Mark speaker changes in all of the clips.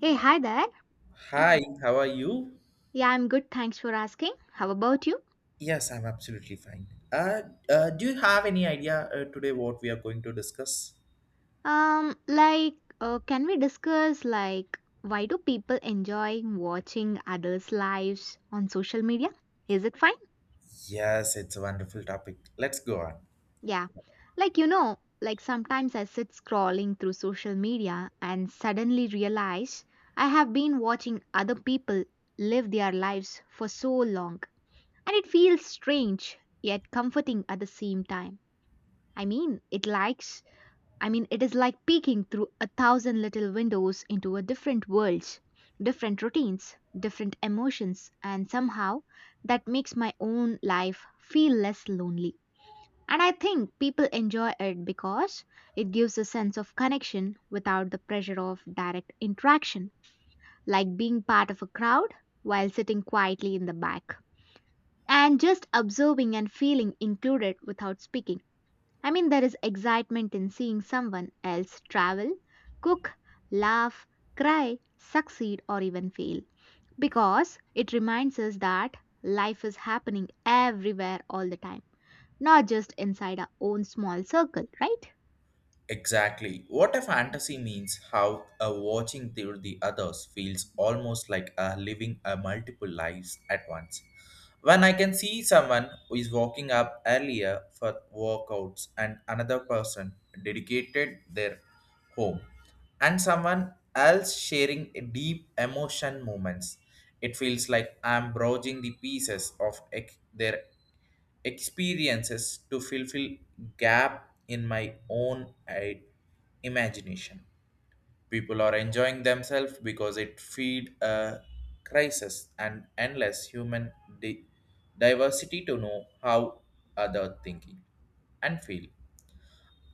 Speaker 1: Hey, hi there.
Speaker 2: Hi, how are you?
Speaker 1: Yeah, I'm good. Thanks for asking. How about you?
Speaker 2: Yes, I'm absolutely fine. Do you have any idea today what we are going to discuss?
Speaker 1: Um, like, can we discuss like why do people enjoy watching others' lives on social media? Is it fine?
Speaker 2: Yes, it's a wonderful topic. Let's go on.
Speaker 1: Yeah. Like, you know, like sometimes I sit scrolling through social media and suddenly realize I have been watching other people live their lives for so long. And it feels strange yet comforting at the same time. I mean, it likes I mean, it is like peeking through a thousand little windows into a different worlds, different routines, different emotions, and somehow that makes my own life feel less lonely. And I think people enjoy it because it gives a sense of connection without the pressure of direct interaction, like being part of a crowd while sitting quietly in the back and just observing and feeling included without speaking. I mean, there is excitement in seeing someone else travel, cook, laugh, cry, succeed, or even fail because it reminds us that life is happening everywhere all the time, not just inside our own small circle, right?
Speaker 2: Exactly. What a fantasy means how a watching through the others feels almost like a living a multiple lives at once. When I can see someone who is walking up earlier for workouts and another person dedicated their home and someone else sharing a deep emotion moments, it feels like I'm browsing the pieces of their experiences to fulfill gap in my own imagination. People are enjoying themselves because it feed a crisis and endless human di- diversity to know how other thinking and feel.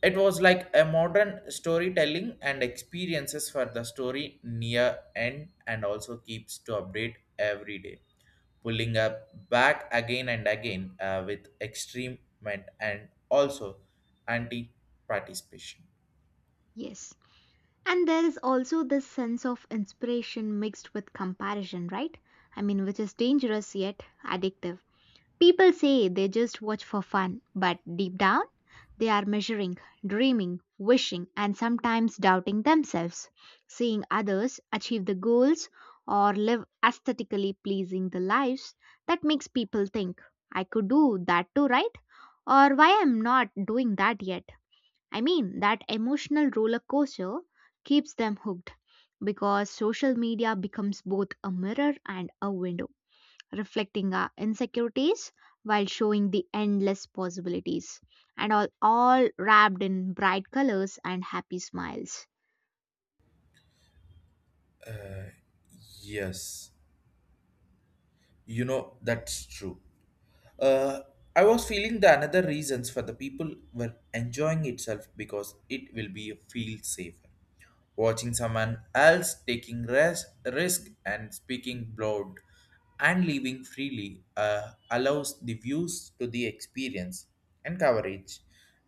Speaker 2: It was like a modern storytelling and experiences for the story near end and also keeps to update every day, pulling up back again and again with extreme and also anti participation.
Speaker 1: Yes. And there is also this sense of inspiration mixed with comparison, right? I mean, which is dangerous yet addictive. People say they just watch for fun, but deep down, they are measuring, dreaming, wishing, and sometimes doubting themselves, seeing others achieve the goals or live aesthetically pleasing the lives that makes people think, I could do that too, right? Or why I'm not doing that yet. I mean, that emotional roller coaster keeps them hooked because social media becomes both a mirror and a window reflecting our insecurities while showing the endless possibilities, and all wrapped in bright colors and happy smiles.
Speaker 2: Yes, you know that's true. Uh, I was feeling the another reasons for the people were enjoying itself because it will be feel safer. Watching someone else taking rest, risk and speaking broad and living freely allows the views to the experience and coverage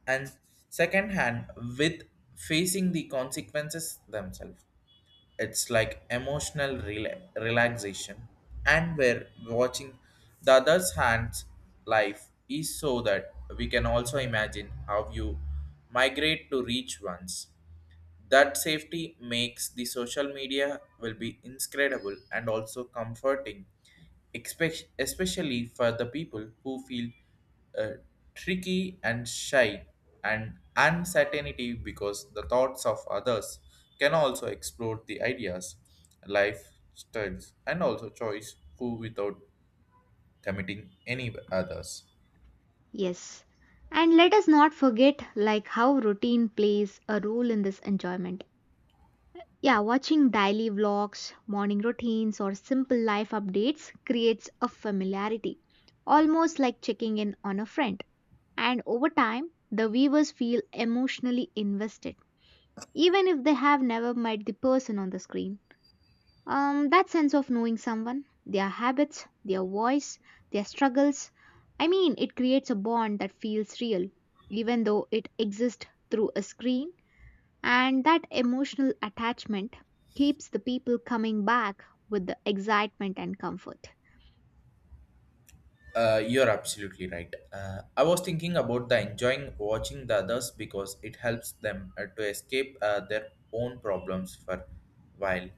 Speaker 2: and second hand with facing the consequences themselves, it's like emotional relaxation and we're watching the other's hands life is so that we can also imagine how you migrate to reach ones that safety makes the social media will be inscredible and also comforting, especially for the people who feel uh, tricky and shy and uncertainty because the thoughts of others can also explore the ideas, lifestyles, and also choice who without committing any others.
Speaker 1: Yes. And let us not forget like how routine plays a role in this enjoyment. Yeah, watching daily vlogs, morning routines or simple life updates creates a familiarity, almost like checking in on a friend. And over time, the viewers feel emotionally invested even if they have never met the person on the screen. That sense of knowing someone, their habits, their voice, their struggles, I mean, it creates a bond that feels real, even though it exists through a screen, and that emotional attachment keeps the people coming back with the excitement and comfort.
Speaker 2: You're absolutely right. I was thinking about the enjoying watching the others because it helps them to escape their own problems for a while.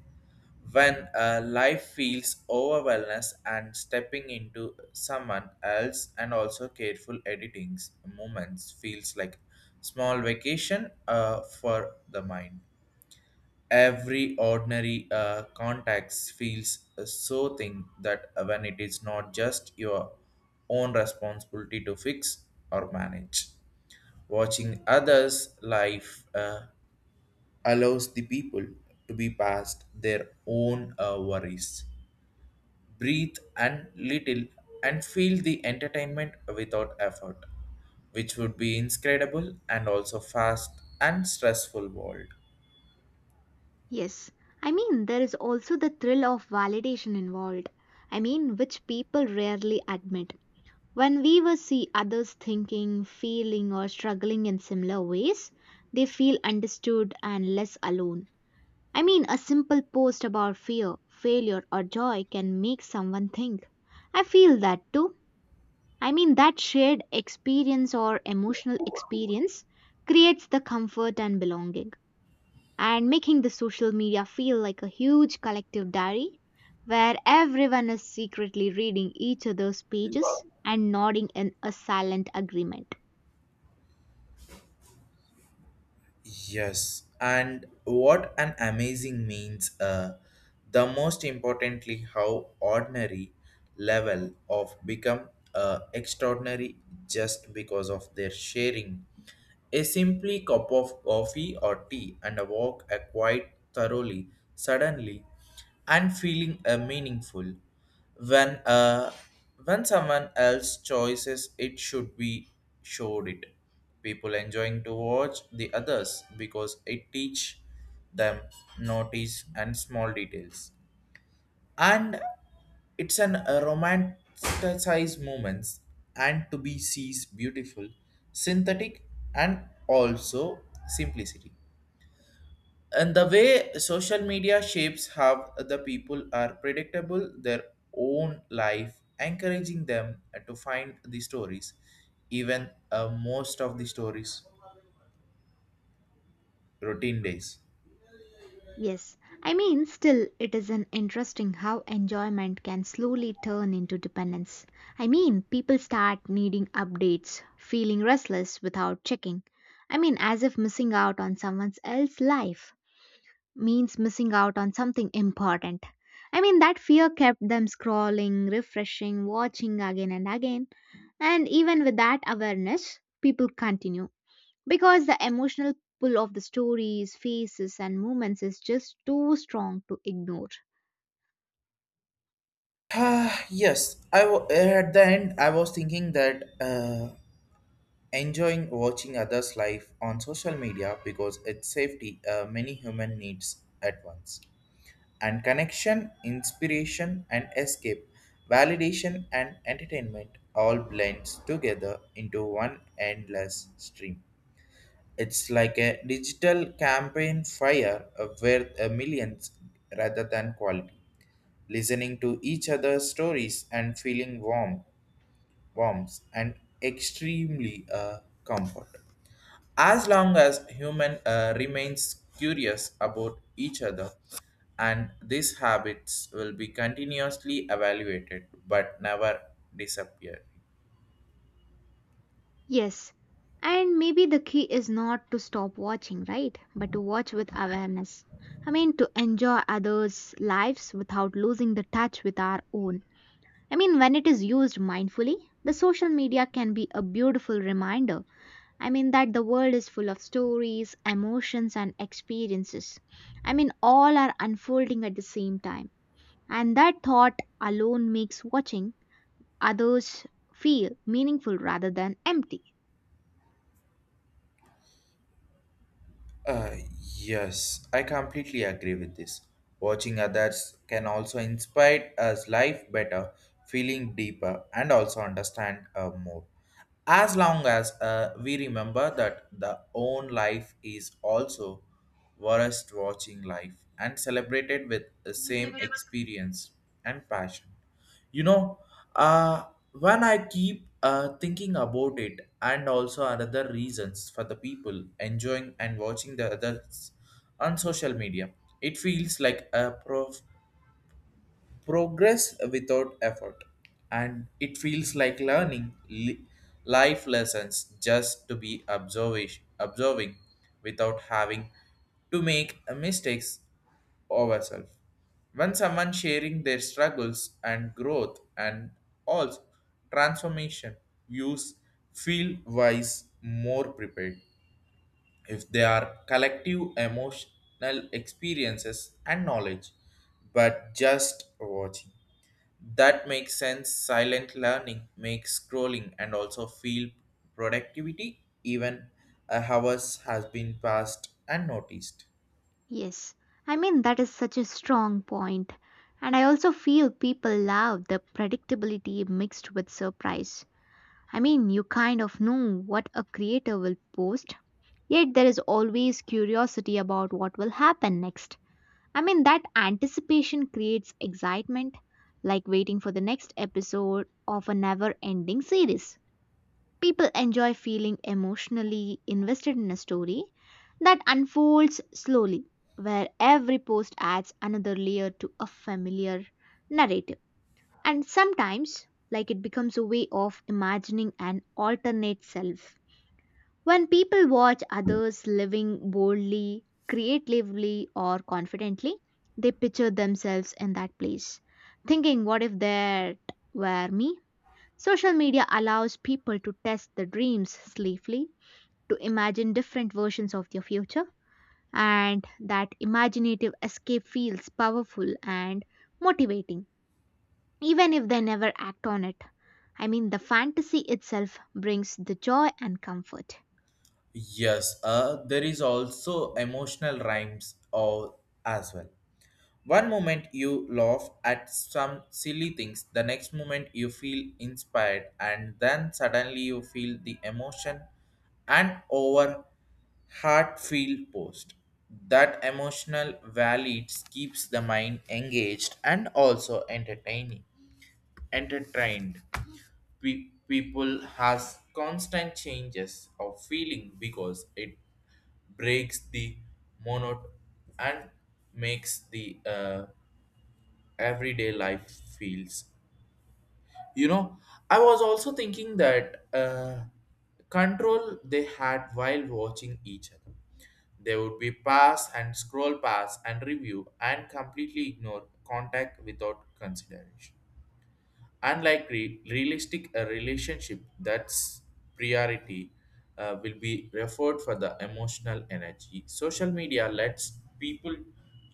Speaker 2: When life feels overwhelmed and stepping into someone else and also careful editings moments feels like small vacation for the mind, every ordinary context feels so thing that when it is not just your own responsibility to fix or manage watching others life allows the people to be past their own worries, breathe and little, and feel the entertainment without effort, which would be inscredible and also fast and stressful world.
Speaker 1: Yes, I mean, there is also the thrill of validation involved, I mean, which people rarely admit. When weavers see others thinking, feeling, or struggling in similar ways, they feel understood and less alone. I mean, a simple post about fear, failure, or joy can make someone think. I feel that too. I mean, that shared experience or emotional experience creates the comfort and belonging and making the social media feel like a huge collective diary where everyone is secretly reading each other's pages and nodding in a silent agreement.
Speaker 2: Yes, and what an amazing means, the most importantly, how ordinary level of become extraordinary just because of their sharing. A simply cup of coffee or tea and a walk a quite thoroughly, suddenly, and feeling meaningful. When uh, when someone else chooses, it should be showed it, people enjoying to watch the others because it teach them notice and small details and it's an a romanticized moments and to be sees beautiful synthetic and also simplicity, and the way social media shapes how the people are predictable their own life encouraging them to find the stories even most of the stories routine days?
Speaker 1: Yes, I mean, still, it is an interesting how enjoyment can slowly turn into dependence. I mean, people start needing updates, feeling restless without checking. I mean, as if missing out on someone else's life means missing out on something important. I mean, that fear kept them scrolling, refreshing, watching again and again. And even with that awareness, people continue because the emotional pull of the stories, faces, and movements is just too strong to ignore.
Speaker 2: Ah yes, at the end I was thinking that enjoying watching others' life on social media because it's safety many human needs at once, and connection, inspiration, and escape, validation, and entertainment all blends together into one endless stream. It's like a digital campaign fire where millions rather than quality listening to each other's stories and feeling warm, warmth and extremely comfort. As long as human remains curious about each other, and these habits will be continuously evaluated but never disappear.
Speaker 1: Yes, and maybe the key is not to stop watching, right? But to watch with awareness. I mean, to enjoy others' lives without losing the touch with our own. I mean, when it is used mindfully, the social media can be a beautiful reminder. I mean, that the world is full of stories, emotions, and experiences. I mean, all are unfolding at the same time. And that thought alone makes watching others feel meaningful rather than empty.
Speaker 2: Yes, I completely agree with this. Watching others can also inspire us life better, feeling deeper, and also understand more. As long as we remember that the own life is also worth watching life and celebrated with the same experience and passion, you know, uh, when I keep thinking about it and also another reasons for the people enjoying and watching the others on social media, it feels like a progress without effort, and it feels like learning life lessons just to be observation observing without having to make mistakes ourselves. When someone sharing their struggles and growth and also transformation, use feel wise more prepared. If they are collective emotional experiences and knowledge, but just watching. That makes sense. Silent learning makes scrolling and also feel productivity even hours has been passed and noticed.
Speaker 1: Yes, I mean, that is such a strong point. And I also feel people love the predictability mixed with surprise. I mean, you kind of know what a creator will post. Yet there is always curiosity about what will happen next. I mean, that anticipation creates excitement, like waiting for the next episode of a never ending series. People enjoy feeling emotionally invested in a story that unfolds slowly, where every post adds another layer to a familiar narrative. And sometimes, like it becomes a way of imagining an alternate self when people watch others living boldly, creatively, or confidently, they picture themselves in that place, thinking, what if that were me? Social media allows people to test their dreams safely, to imagine different versions of their future, and that imaginative escape feels powerful and motivating, even if they never act on it. I mean, the fantasy itself brings the joy and comfort.
Speaker 2: Yes, there is also emotional rhymes or as well. One moment you laugh at some silly things, the next moment you feel inspired, and then suddenly you feel the emotion and over heartfelt post. That emotional valids keeps the mind engaged and also entertaining. Entertained. People has constant changes of feeling because it breaks the monot and makes the everyday life feels, you know, I was also thinking that control they had while watching each other, they would be pass and scroll pass and review and completely ignore contact without consideration, unlike realistic a relationship that's priority will be referred for the emotional energy social media lets people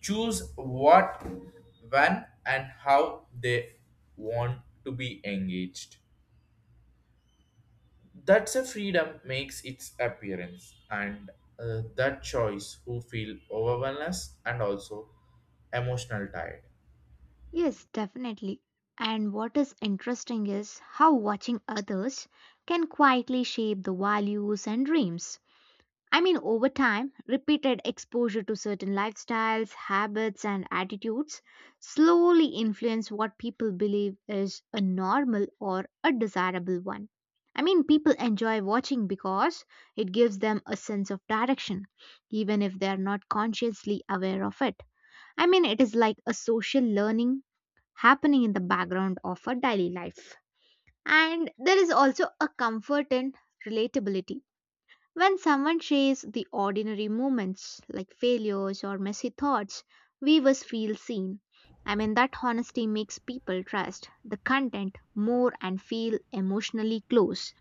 Speaker 2: choose what when and how they want to be engaged, that's a freedom makes its appearance and that choice who feel overwhelmed and also emotional tired.
Speaker 1: Yes, definitely. And what is interesting is how watching others can quietly shape the values and dreams. I mean, over time, repeated exposure to certain lifestyles, habits, and attitudes slowly influence what people believe is a normal or a desirable one. I mean, people enjoy watching because it gives them a sense of direction, even if they are not consciously aware of it. I mean, it is like a social learning happening in the background of our daily life. And there is also a comfort in relatability. When someone shares the ordinary moments like failures or messy thoughts, viewers feel seen. I mean, that honesty makes people trust the content more and feel emotionally close,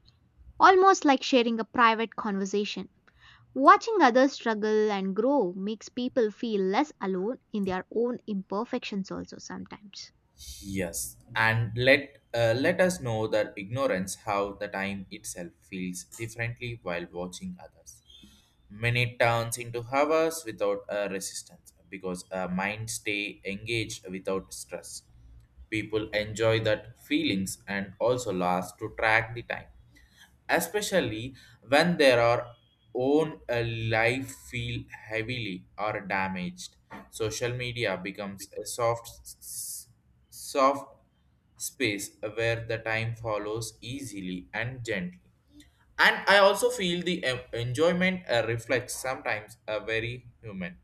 Speaker 1: almost like sharing a private conversation. Watching others struggle and grow makes people feel less alone in their own imperfections, also sometimes.
Speaker 2: Yes, and let us know that ignorance how the time itself feels differently while watching others. Minute turns into hours without a resistance because a mind stay engaged without stress. People enjoy that feelings and also last to track the time, especially when their are own life feel heavily or damaged. Social media becomes a soft, soft space where the time follows easily and gently. And I also feel the enjoyment reflects sometimes a very human.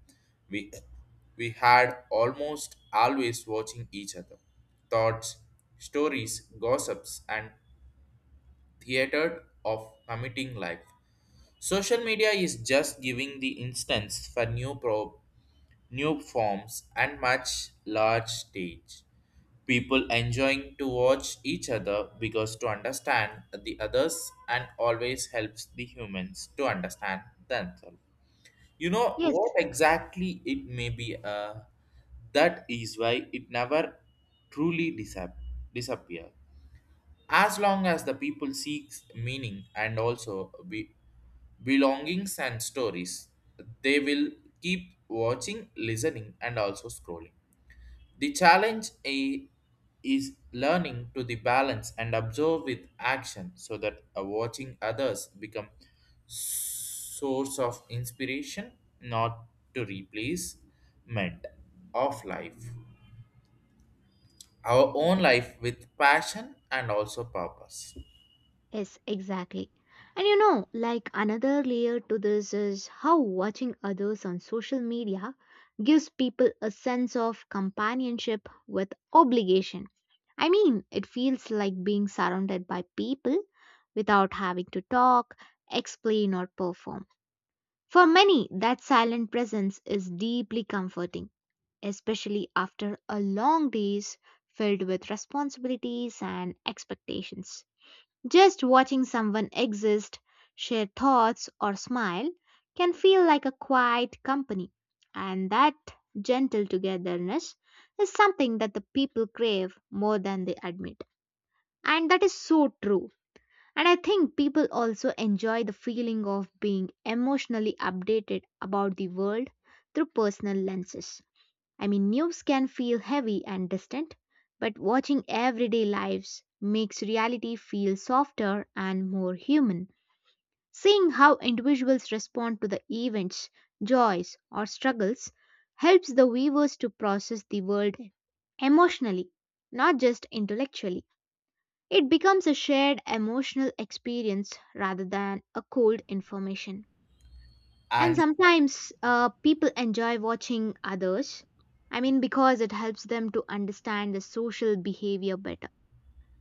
Speaker 2: We we had almost always watching each other, thoughts, stories, gossips, and theater of committing life. Social media is just giving the instance for new forms and much large stage. People enjoying to watch each other because to understand the others and always helps the humans to understand themselves. You know
Speaker 1: Yes,
Speaker 2: what exactly it may be, that is why it never truly disappear as long as the people seek meaning and also belongings and stories, they will keep watching, listening, and also scrolling. The challenge is learning to the balance and observe with action so that watching others become source of inspiration, not to replace meant of life. Our own life with passion and also purpose.
Speaker 1: Yes, exactly. And you know, like another layer to this is how watching others on social media gives people a sense of companionship with obligation. I mean, it feels like being surrounded by people without having to talk, explain, or perform. For many, that silent presence is deeply comforting, especially after a long days filled with responsibilities and expectations. Just watching someone exist, share thoughts, or smile can feel like a quiet company, and that gentle togetherness is something that the people crave more than they admit. And that is so true. And I think people also enjoy the feeling of being emotionally updated about the world through personal lenses. I mean, news can feel heavy and distant, but watching everyday lives makes reality feel softer and more human. Seeing how individuals respond to the events, joys, or struggles helps the viewers to process the world emotionally, not just intellectually. It becomes a shared emotional experience rather than a cold information. And
Speaker 2: And
Speaker 1: sometimes people enjoy watching others. I mean, because it helps them to understand the social behavior better.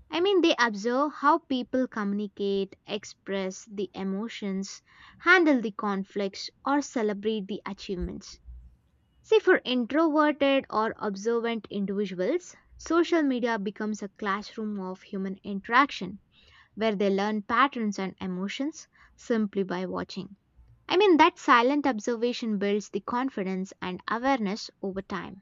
Speaker 1: I mean, they observe how people communicate, express the emotions, handle the conflicts, or celebrate the achievements. See, for introverted or observant individuals, social media becomes a classroom of human interaction where they learn patterns and emotions simply by watching. I mean, that silent observation builds the confidence and awareness over time.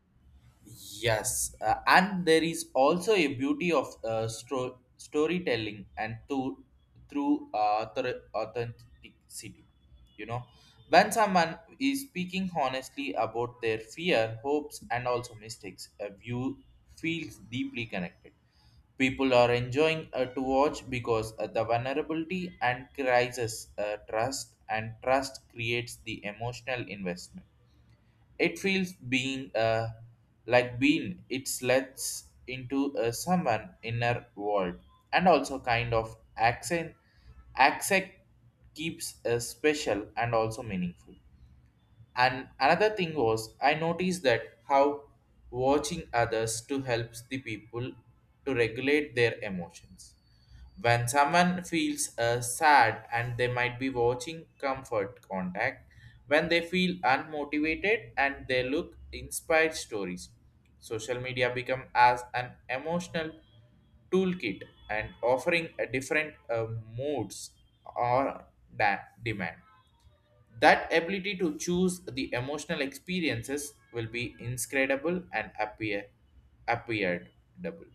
Speaker 2: yes, and there is also a beauty of storytelling and to through authenticity. You know, when someone is speaking honestly about their fear, hopes, and also mistakes, a view feels deeply connected. People are enjoying to watch because the vulnerability and crisis trust and trust creates the emotional investment, it feels being it lets into someone inner world and also kind of accent keeps special and also meaningful. And another thing was, I noticed that how watching others to helps the people to regulate their emotions. When someone feels sad and they might be watching comfort contact, when they feel unmotivated and they look inspired stories, social media become as an emotional toolkit and offering a different moods or demand, that ability to choose the emotional experiences will be inscredible and appeared double.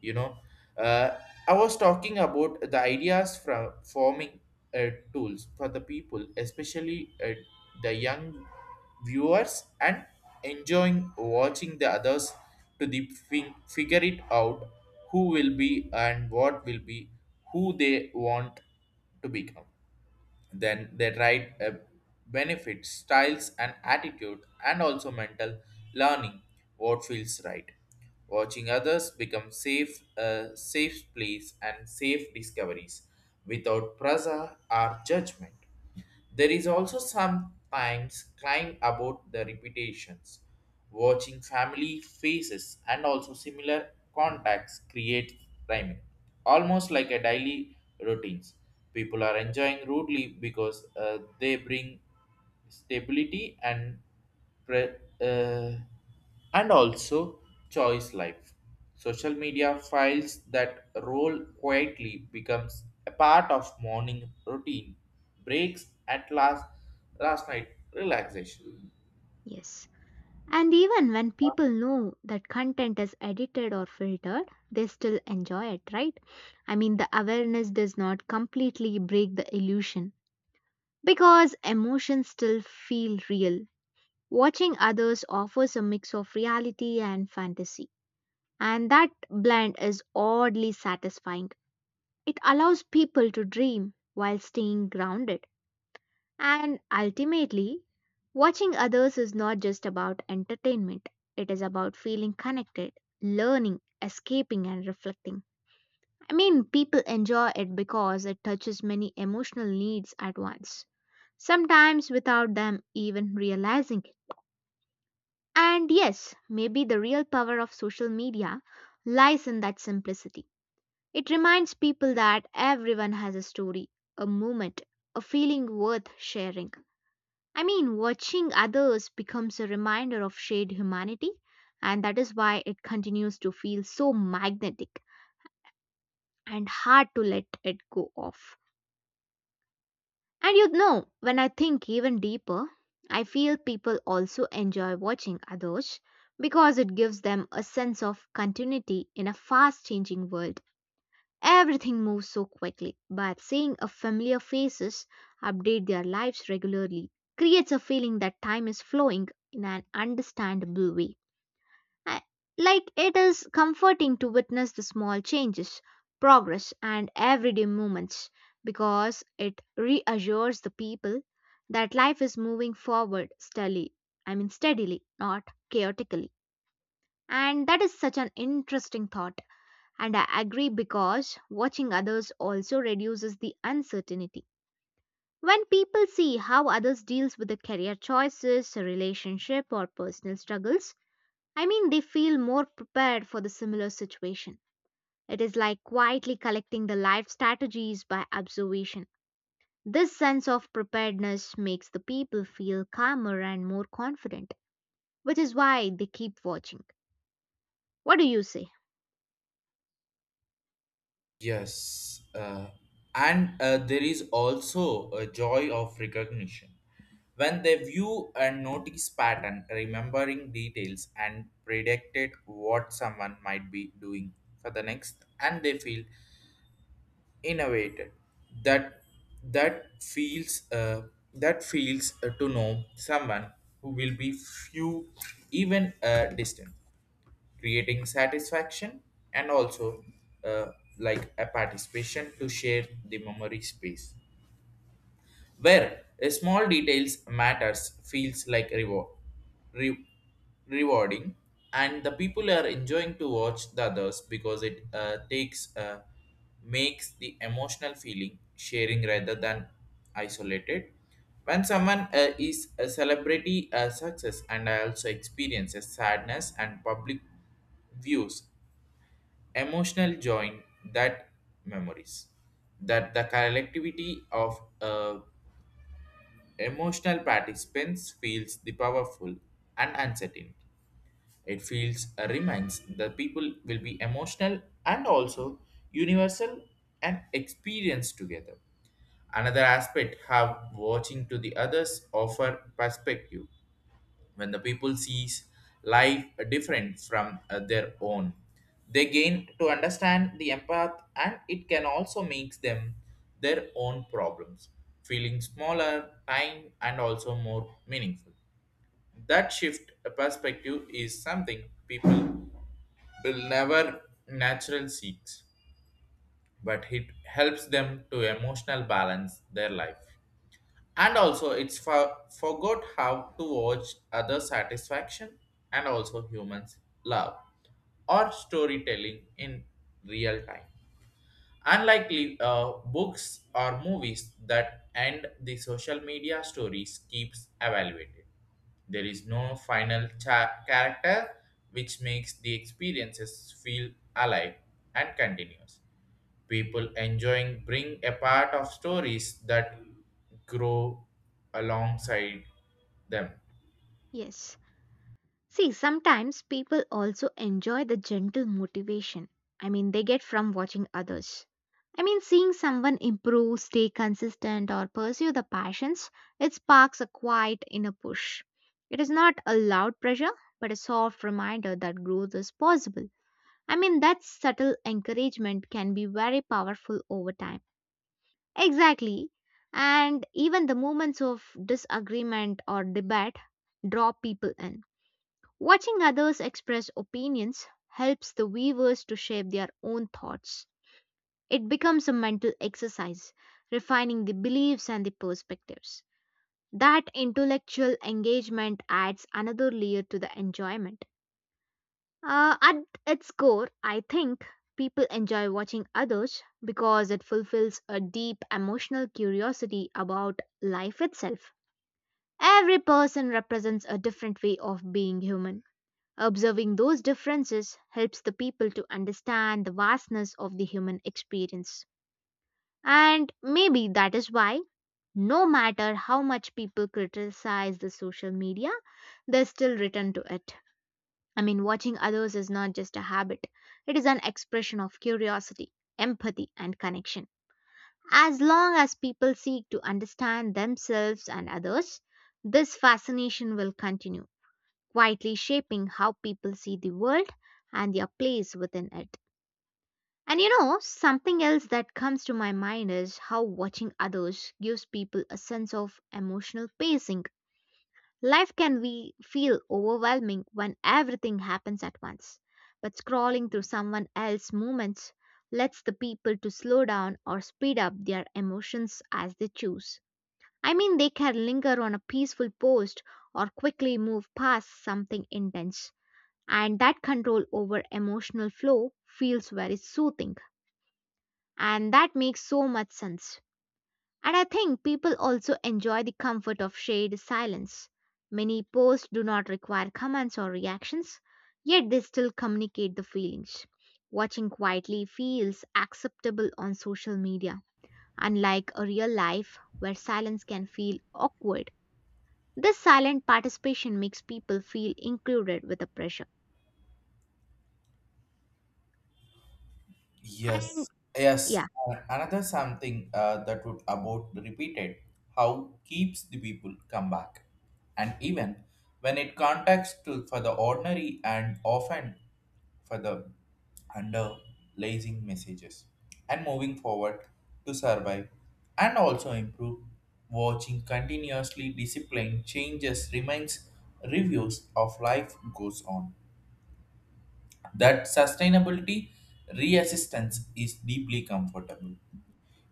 Speaker 2: You know, uh, I was talking about the ideas from forming tools for the people, especially the young viewers, and enjoying watching the others to the figure it out who will be and what will be who they want to become, then they write benefits styles and attitude and also mental learning what feels right, watching others become safe safe place and safe discoveries without pressure or judgment. There is also sometimes crying about the reputations. Watching family faces and also similar contacts create rhyming, almost like a daily routines. People are enjoying rudely because they bring stability and pre- uh, and also choice life. Social media files that roll quietly becomes a part of morning routine, breaks at last last night relaxation.
Speaker 1: Yes. And even when people know that content is edited or filtered, they still enjoy it, right? I mean, the awareness does not completely break the illusion because emotions still feel real. Watching others offers a mix of reality and fantasy, and that blend is oddly satisfying. It allows people to dream while staying grounded. And ultimately, watching others is not just about entertainment, it is about feeling connected, learning, escaping, and reflecting. I mean, people enjoy it because it touches many emotional needs at once, sometimes without them even realizing it. And yes, maybe the real power of social media lies in that simplicity. It reminds people that everyone has a story, a moment, a feeling worth sharing. I mean, watching others becomes a reminder of shared humanity, and that is why it continues to feel so magnetic and hard to let it go off. And you know, when I think even deeper, I feel people also enjoy watching others because it gives them a sense of continuity in a fast changing world. Everything moves so quickly, but seeing a familiar faces update their lives regularly creates a feeling that time is flowing in an understandable way. I- Like it is comforting to witness the small changes, progress, and everyday moments because it reassures the people that life is moving forward steadily. I mean, steadily, not chaotically. And that is such an interesting thought and I agree because watching others also reduces the uncertainty. When people see how others deals with the career choices, relationship or personal struggles, I mean they feel more prepared for the similar situation. It is like quietly collecting the life strategies by observation. This sense of preparedness makes the people feel calmer and more confident, which is why they keep watching. What do you say?
Speaker 2: Yes, and there is also a joy of recognition. When they view and notice pattern, remembering details and predicted what someone might be doing for the next, and they feel innovated. That that feels uh, that feels to know someone who will be few even distant, creating satisfaction and also uh, like a participation to share the memory space where a small details matters feels like reward re- rewarding, and the people are enjoying to watch the others because it takes makes the emotional feeling sharing rather than isolated, when someone is a celebrity success and also experiences sadness and public views emotional join that memories, that the collectivity of emotional participants feels the powerful and uncertain, it feels reminds the people will be emotional and also universal and experience together. Another aspect have watching to the others offer perspective when the people sees life different from their own, they gain to understand the empath and it can also makes them their own problems feeling smaller time and also more meaningful, that shift perspective is something people will never natural seeks but it helps them to emotional balance their life, and also, it's for, forgot how to watch other satisfaction and also humans love or storytelling in real time. Unlikely books or movies that end the social media stories keeps evaluated. There is no final character, which makes the experiences feel alive and continuous, people enjoying bring a part of stories that grow alongside them.
Speaker 1: Yes. See, sometimes people also enjoy the gentle motivation. I mean, they get from watching others. I mean, seeing someone improve, stay consistent, or pursue the passions, it sparks a quiet inner push. It is not a loud pressure, but a soft reminder that growth is possible. I mean, that subtle encouragement can be very powerful over time. Exactly. And even the moments of disagreement or debate draw people in. Watching others express opinions helps the weavers to shape their own thoughts. It becomes a mental exercise, refining the beliefs and the perspectives. That intellectual engagement adds another layer to the enjoyment. At its core, I think people enjoy watching others because it fulfills a deep emotional curiosity about life itself. Every person represents a different way of being human. Observing those differences helps the people to understand the vastness of the human experience. And maybe that is why, no matter how much people criticize the social media, they still return to it. I mean, watching others is not just a habit, it is an expression of curiosity, empathy, and connection. As long as people seek to understand themselves and others, this fascination will continue quietly shaping how people see the world and their place within it. And you know, something else that comes to my mind is how watching others gives people a sense of emotional pacing. Life can be, feel overwhelming when everything happens at once, but scrolling through someone else's movements lets the people to slow down or speed up their emotions as they choose. I mean, they can linger on a peaceful post or quickly move past something intense, and that control over emotional flow feels very soothing. And that makes so much sense, and I think people also enjoy the comfort of shared silence. Many posts do not require comments or reactions, yet they still communicate the feelings. Watching quietly feels acceptable on social media, unlike a real life where silence can feel awkward. This silent participation makes people feel included with the pressure, and
Speaker 2: Yes,
Speaker 1: yeah.
Speaker 2: yes. Another something that would about repeated how keeps the people come back, and even when it contacts to for the ordinary and often for the underlying messages, and moving forward to survive and also improve. Watching continuously discipline changes remains reviews of life goes on, that sustainability reassistance is deeply comfortable.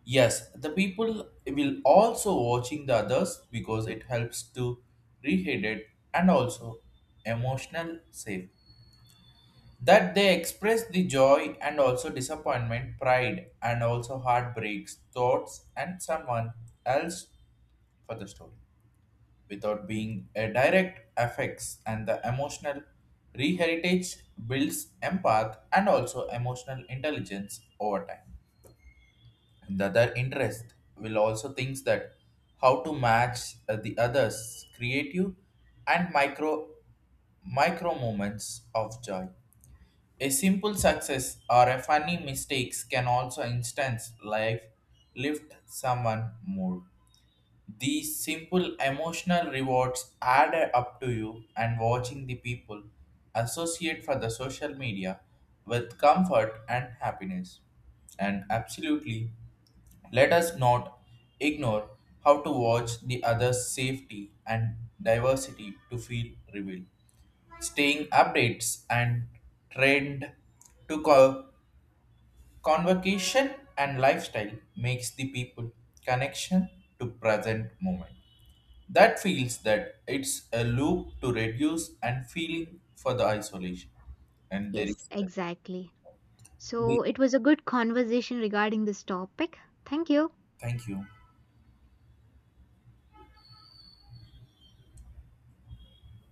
Speaker 2: Yes, the people will also watching the others because it helps to rehydrate and also emotional safe, that they express the joy and also disappointment pride and also heartbreaks thoughts and someone else for the story without being a direct affects, and the emotional reheritage builds empath and also emotional intelligence over time. And the other interest will also thinks that how to match the others creative and micro moments of joy. A simple success or a funny mistakes can also instance life lift someone more. These simple emotional rewards add up to you and watching the people associate for the social media with comfort and happiness. And absolutely, let us not ignore how to watch the other's safety and diversity to feel revealed. Staying updates and trend to convocation and lifestyle makes the people connection to present moment, that feels that it's a loop to reduce and feeling for the isolation. And there
Speaker 1: Yes,
Speaker 2: is
Speaker 1: exactly. So it was a good conversation regarding this topic. Thank you.
Speaker 2: thank you.